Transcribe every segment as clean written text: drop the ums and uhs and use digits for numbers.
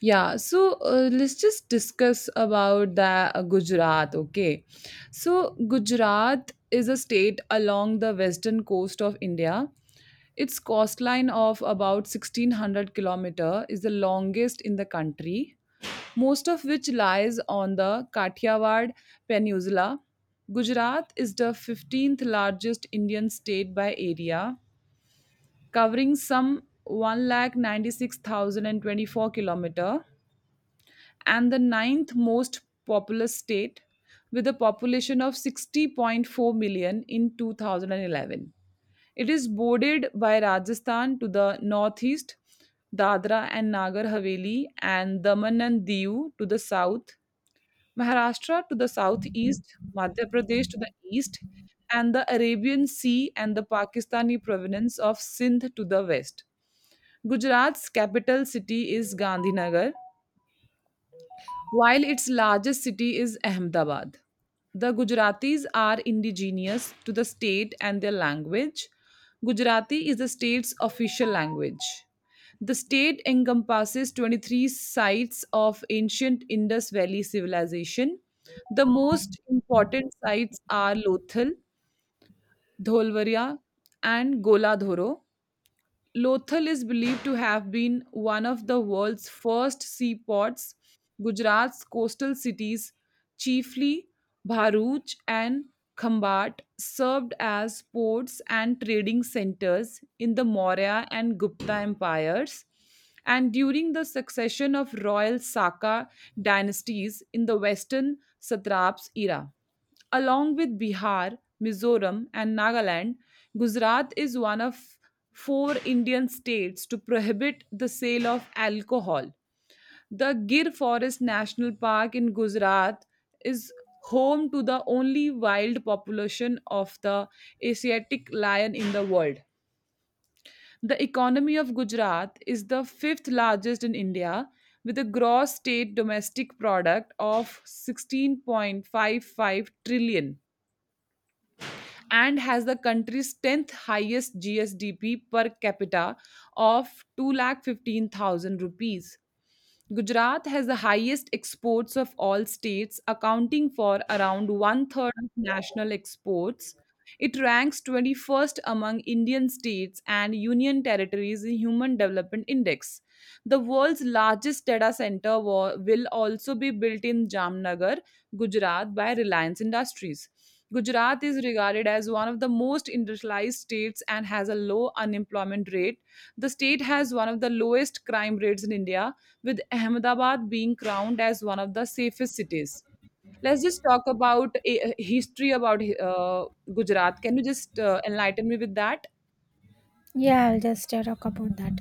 Yeah, so let's just discuss about the Gujarat, okay? So Gujarat is a state along the western coast of India. Its coastline of about 1600 kilometer is the longest in the country, most of which lies on the Kathiawar Peninsula. Gujarat is the 15th largest Indian state by area, covering some 196,024 km, and the ninth most populous state with a population of 60.4 million in 2011. It is bordered by Rajasthan to the northeast, Dadra and Nagar Haveli and Daman and Diu to the south, Maharashtra to the southeast, Madhya Pradesh to the east, and the Arabian Sea and the Pakistani province of Sindh to the west. Gujarat's capital city is Gandhinagar, while its largest city is Ahmedabad. The Gujaratis are indigenous to the state, and their language, Gujarati, is the state's official language. The state encompasses 23 sites of ancient Indus Valley civilization. The most important sites are Lothal, Dholvaria, and Gola Dhoro. Lothal is believed to have been one of the world's first seaports. Gujarat's coastal cities, chiefly Bharuch and Khambat, served as ports and trading centers in the Maurya and Gupta empires, and during the succession of royal Saka dynasties in the Western Satraps era. Along with Bihar, Mizoram, and Nagaland, Gujarat is one of four Indian states to prohibit the sale of alcohol. The Gir Forest National Park in Gujarat is home to the only wild population of the Asiatic lion in the world. The economy of Gujarat is the fifth largest in India, with a gross state domestic product of 16.55 trillion, and has the country's 10th highest GSDP per capita of 215,000 rupees. Gujarat has the highest exports of all states, accounting for around one third of national exports. It ranks 21st among Indian states and union territories in Human Development Index. The world's largest data center will also be built in Jamnagar, Gujarat by Reliance Industries. Gujarat is regarded as one of the most industrialized states and has a low unemployment rate. The state has one of the lowest crime rates in India, with Ahmedabad being crowned as one of the safest cities. Let's just talk about a history about Gujarat. Can you just enlighten me with that? Yeah, I'll just talk about that.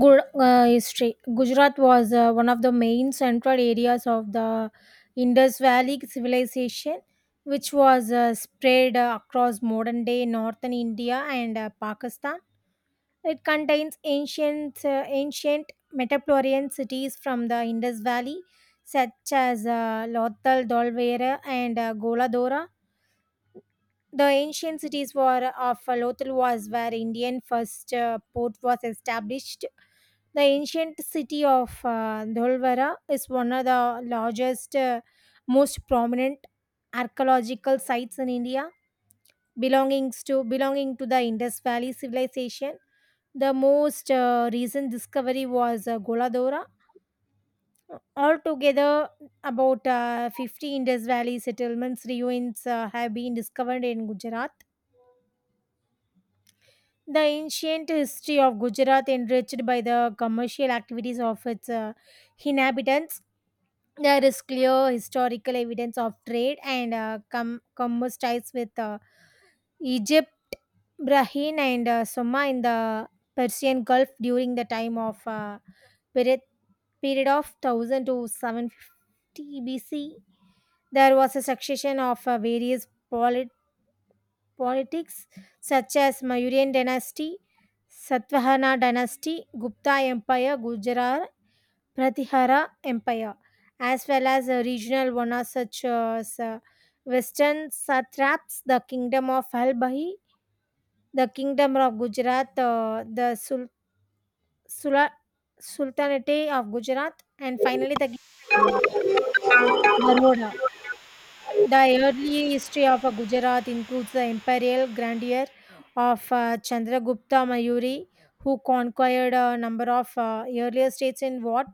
History. Gujarat was one of the main central areas of the Indus Valley civilization, which was spread across modern day northern India and Pakistan. It contains ancient Metaplorian cities from the Indus Valley, such as Lothal, Dolvera, and Goladora. The ancient cities were of Lothal was where Indian first port was established. The ancient city of Dholwara is one of the largest, most prominent archaeological sites in India, belonging to the Indus Valley civilization. The most recent discovery was Goladora. Altogether, about 50 Indus Valley settlements ruins have been discovered in Gujarat. The ancient history of Gujarat, enriched by the commercial activities of its inhabitants, there is clear historical evidence of trade and commerce ties with Egypt, Bahrain, and Soma in the Persian Gulf during the time of period period of 1000 to 750 BC. There was a succession of various pol- politics such as Mauryan dynasty, Satvahana dynasty, Gupta Empire, Gujarat Pratihara Empire, as well as regional one such as Western satraps, the kingdom of Halbahi, the kingdom of Gujarat, the Sula- Sultanate of Gujarat, and finally the kingdom of Baroda. The early history of Gujarat includes the imperial grandeur of Chandragupta Mayuri, who conquered a number of earlier states in what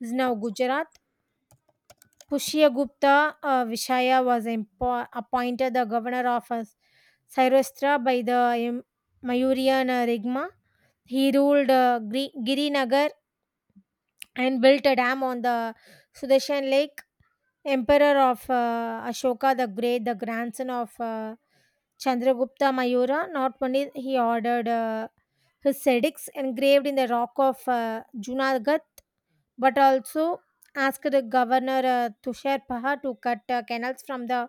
is now Gujarat. Pushyagupta Vishaya was appointed the governor of Saurashtra by the Mayurian Rigma. He ruled Girinagar and built a dam on the Sudarshan Lake. Emperor of Ashoka the Great, the grandson of Chandragupta Mayura, not only he ordered his edicts engraved in the rock of Junagadh, but also asked the governor Tushar Paha to cut canals from the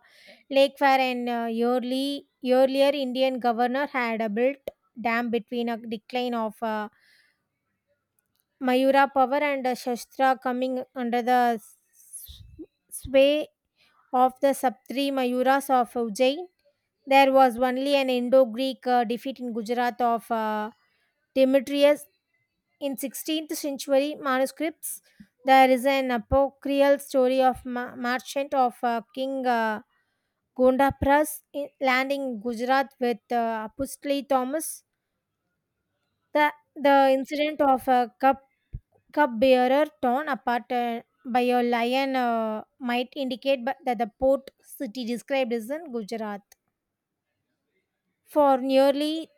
lake where an earlier Indian governor had built dam between a decline of Mayura power and Shastra coming under the sway of the Saptri Mayuras of Ujjain. There was only an Indo Greek defeat in Gujarat of Demetrius in 16th century manuscripts. There is an apocryphal story of merchant of King Gondapras landing in Gujarat with Apostle Thomas. The incident of a cup bearer torn apart by a lion might indicate that the port city described is in Gujarat. For nearly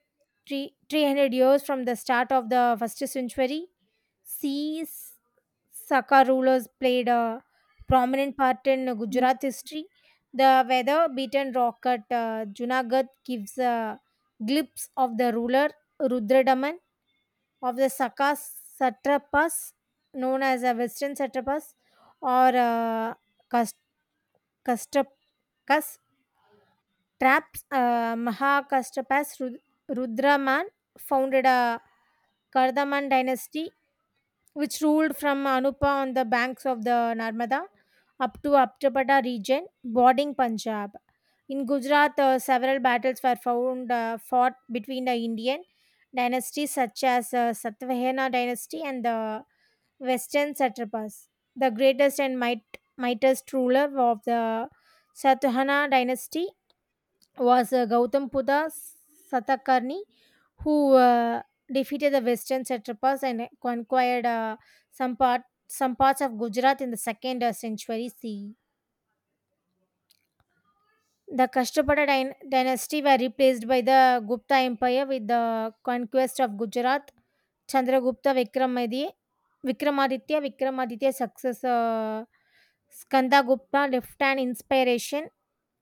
300 years from the start of the first century, sea Saka rulers played a prominent part in Gujarat history. The weather beaten rock at Junagadh gives a glimpse of the ruler Rudradaman of the Saka satrapas, known as the Western satrapas or Kas- Kastap, Kastraps, Mahakastrapas Rudraman founded a Kardaman dynasty which ruled from Anupa on the banks of the Narmada up to Aptapada region bordering Punjab. In Gujarat, several battles were fought between the Indian dynasties such as Satvahena dynasty and the Western satrapas, the mightiest ruler of the Satavahana dynasty, was Gautam Satakarni, who defeated the Western satrapas and conquered some part some parts of Gujarat in the second century CE. The Kashtapada dynasty were replaced by the Gupta Empire with the conquest of Gujarat. Chandragupta Vikramaditya, Vikramaditya success Skanda Gupta left an inspiration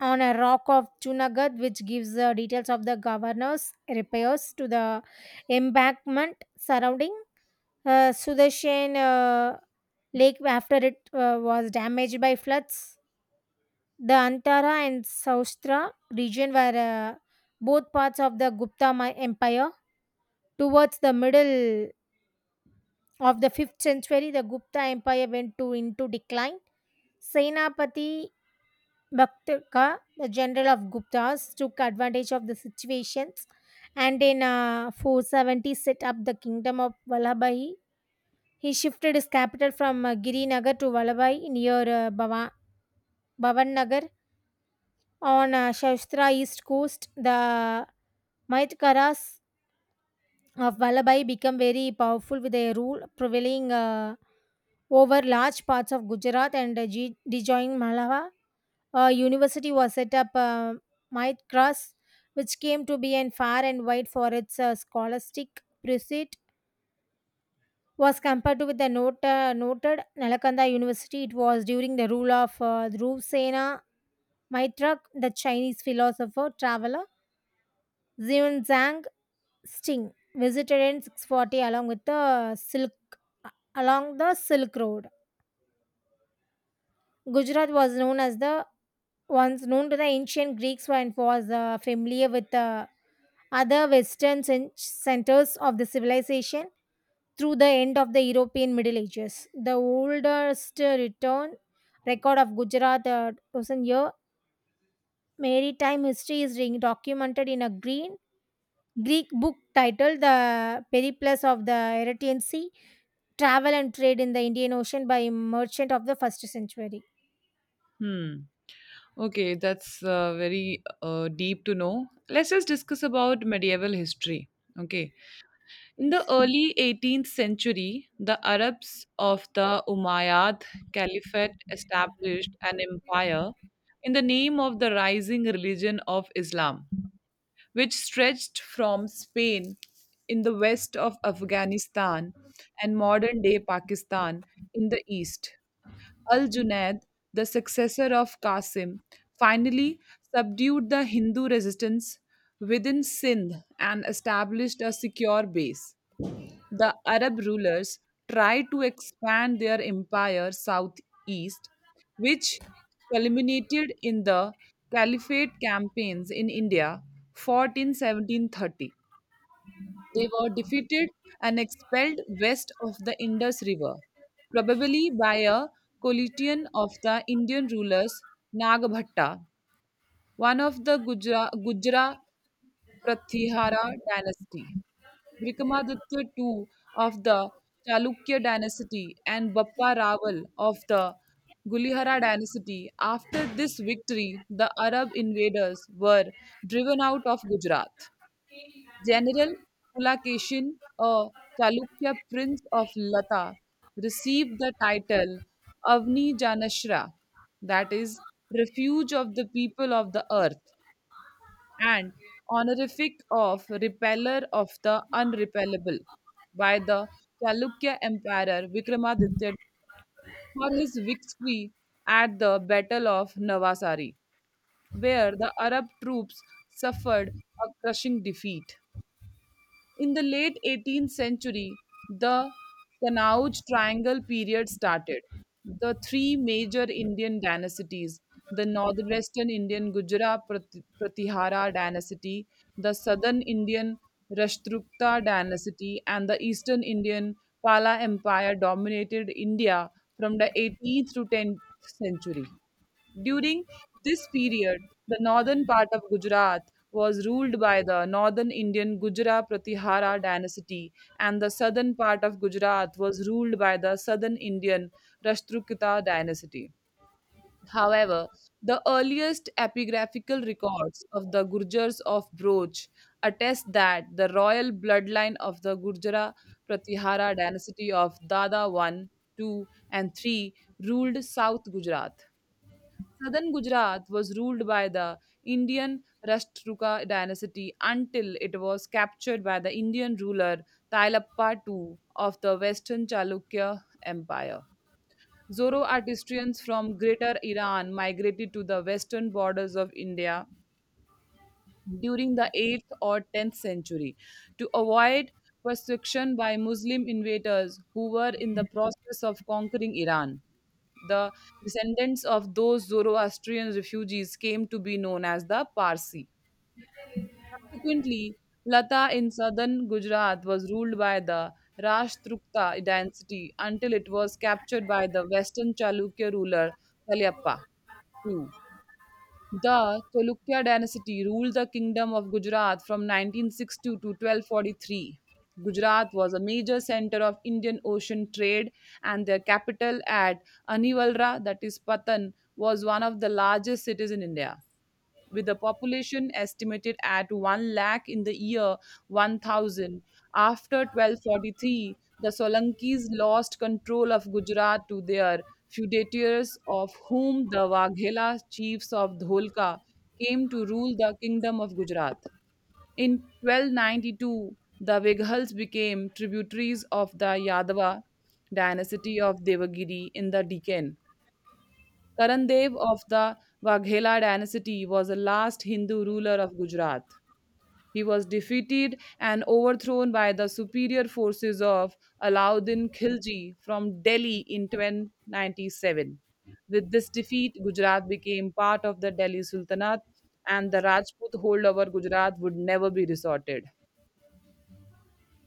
on a rock of Chunagadh, which gives details of the governor's repairs to the embankment surrounding Sudarshan Lake after it was damaged by floods. The Antara and Saustra region were both parts of the Gupta Empire. Towards the middle of the 5th century, the Gupta Empire into decline. Senapati Bhaktaka, the general of Guptas, took advantage of the situations and in 470 set up the kingdom of Vallabhai. He shifted his capital from Girinagar to Vallabhai near Bhavan Nagar on Shastra east coast. The Maitkaras of Vallabhai became very powerful with their rule, prevailing over large parts of Gujarat and Dijoing Malava. A university was set up, Maitkaras, which came to be and far and wide for its scholastic pursuit. Was compared to with the noted Nalakanda University. It was during the rule of Dhruv Sena Maitrak, the Chinese philosopher traveler. Xian Zhang Sting visited in 640 along with the Silk along the Silk Road. Gujarat was known as the once known to the ancient Greeks and was familiar with the other Western centers of the civilization through the end of the European Middle Ages. The oldest return record of Gujarat thousand year maritime history is documented in a green Greek book titled The Periplus of the Eretan Sea travel and trade in the Indian Ocean by merchant of the first century. Hmm. Okay, that's very deep to know. Let's just discuss about medieval history. Okay. In the Yes. early 18th century, the Arabs of the Umayyad Caliphate established an empire in the name of the rising religion of Islam, which stretched from Spain in the west of Afghanistan and modern day Pakistan in the east. Al Junaid, the successor of Qasim, finally subdued the Hindu resistance within Sindh and established a secure base. The Arab rulers tried to expand their empire southeast, which culminated in the Caliphate campaigns in India, fought in 1730. They were defeated and expelled west of the Indus River, probably by a coalition of the Indian rulers Nagbhatta, one of the Gujra Prathihara dynasty, Vikramaditya II of the Chalukya dynasty, and Bappa Raval of the Gulihara dynasty. After this victory, the Arab invaders were driven out of Gujarat. General Pulakeshin, a Chalukya prince of Lata, received the title Avni Janashra, that is, refuge of the people of the earth, and honorific of repeller of the unrepellable, by the Chalukya Emperor Vikramaditya for his victory at the Battle of Navasari, where the Arab troops suffered a crushing defeat. In the late 18th century, the Kannauj Triangle period started. The three major Indian dynasties, the northwestern Indian Gujara Pratihara dynasty, the southern Indian Rashtrukta dynasty, and the eastern Indian Pala Empire dominated India from the 18th to 10th century. During this period, the northern part of Gujarat was ruled by the northern Indian Gujra Pratihara dynasty, and the southern part of Gujarat was ruled by the southern Indian Rashtrukita dynasty. However, the earliest epigraphical records of the Gurjars of Broch attest that the royal bloodline of the Gurjara Pratihara dynasty of Dada 1, 2, and 3 ruled South Gujarat. Southern Gujarat was ruled by the Indian Rashtrakuta dynasty until it was captured by the Indian ruler Tilappa II of the Western Chalukya Empire. Zoroastrians from Greater Iran migrated to the western borders of India during the 8th or 10th century to avoid persecution by Muslim invaders who were in the process of conquering Iran. The descendants of those Zoroastrian refugees came to be known as the Parsi. Subsequently, Lata in southern Gujarat was ruled by the Rashtrukta dynasty until it was captured by the western Chalukya ruler Kalyappa II. The Cholukya dynasty ruled the kingdom of Gujarat from 1962 to 1243. Gujarat was a major center of Indian Ocean trade, and their capital at Anivalra, that is Patan, was one of the largest cities in India with a population estimated at 1 lakh in the year 1000. After 1243, the Solankis lost control of Gujarat to their feudatories, of whom the Waghela chiefs of Dholka came to rule the kingdom of Gujarat. In 1292, the Vighals became tributaries of the Yadava dynasty of Devagiri in the Deccan. Karan Dev of the Waghela dynasty was the last Hindu ruler of Gujarat. He was defeated and overthrown by the superior forces of Alauddin Khilji from Delhi in 1097. With this defeat, Gujarat became part of the Delhi Sultanate, and the Rajput hold over Gujarat would never be resorted.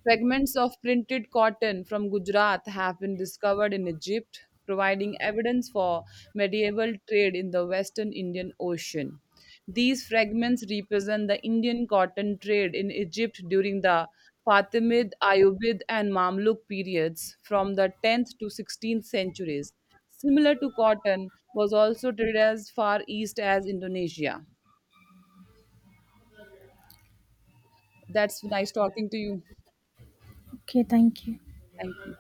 Fragments of printed cotton from Gujarat have been discovered in Egypt, providing evidence for medieval trade in the Western Indian Ocean. These fragments represent the Indian cotton trade in Egypt during the Fatimid, Ayyubid, and Mamluk periods from the 10th to 16th centuries. Similar to cotton, was also traded as far east as Indonesia. That's nice talking to you. Okay, thank you. Thank you.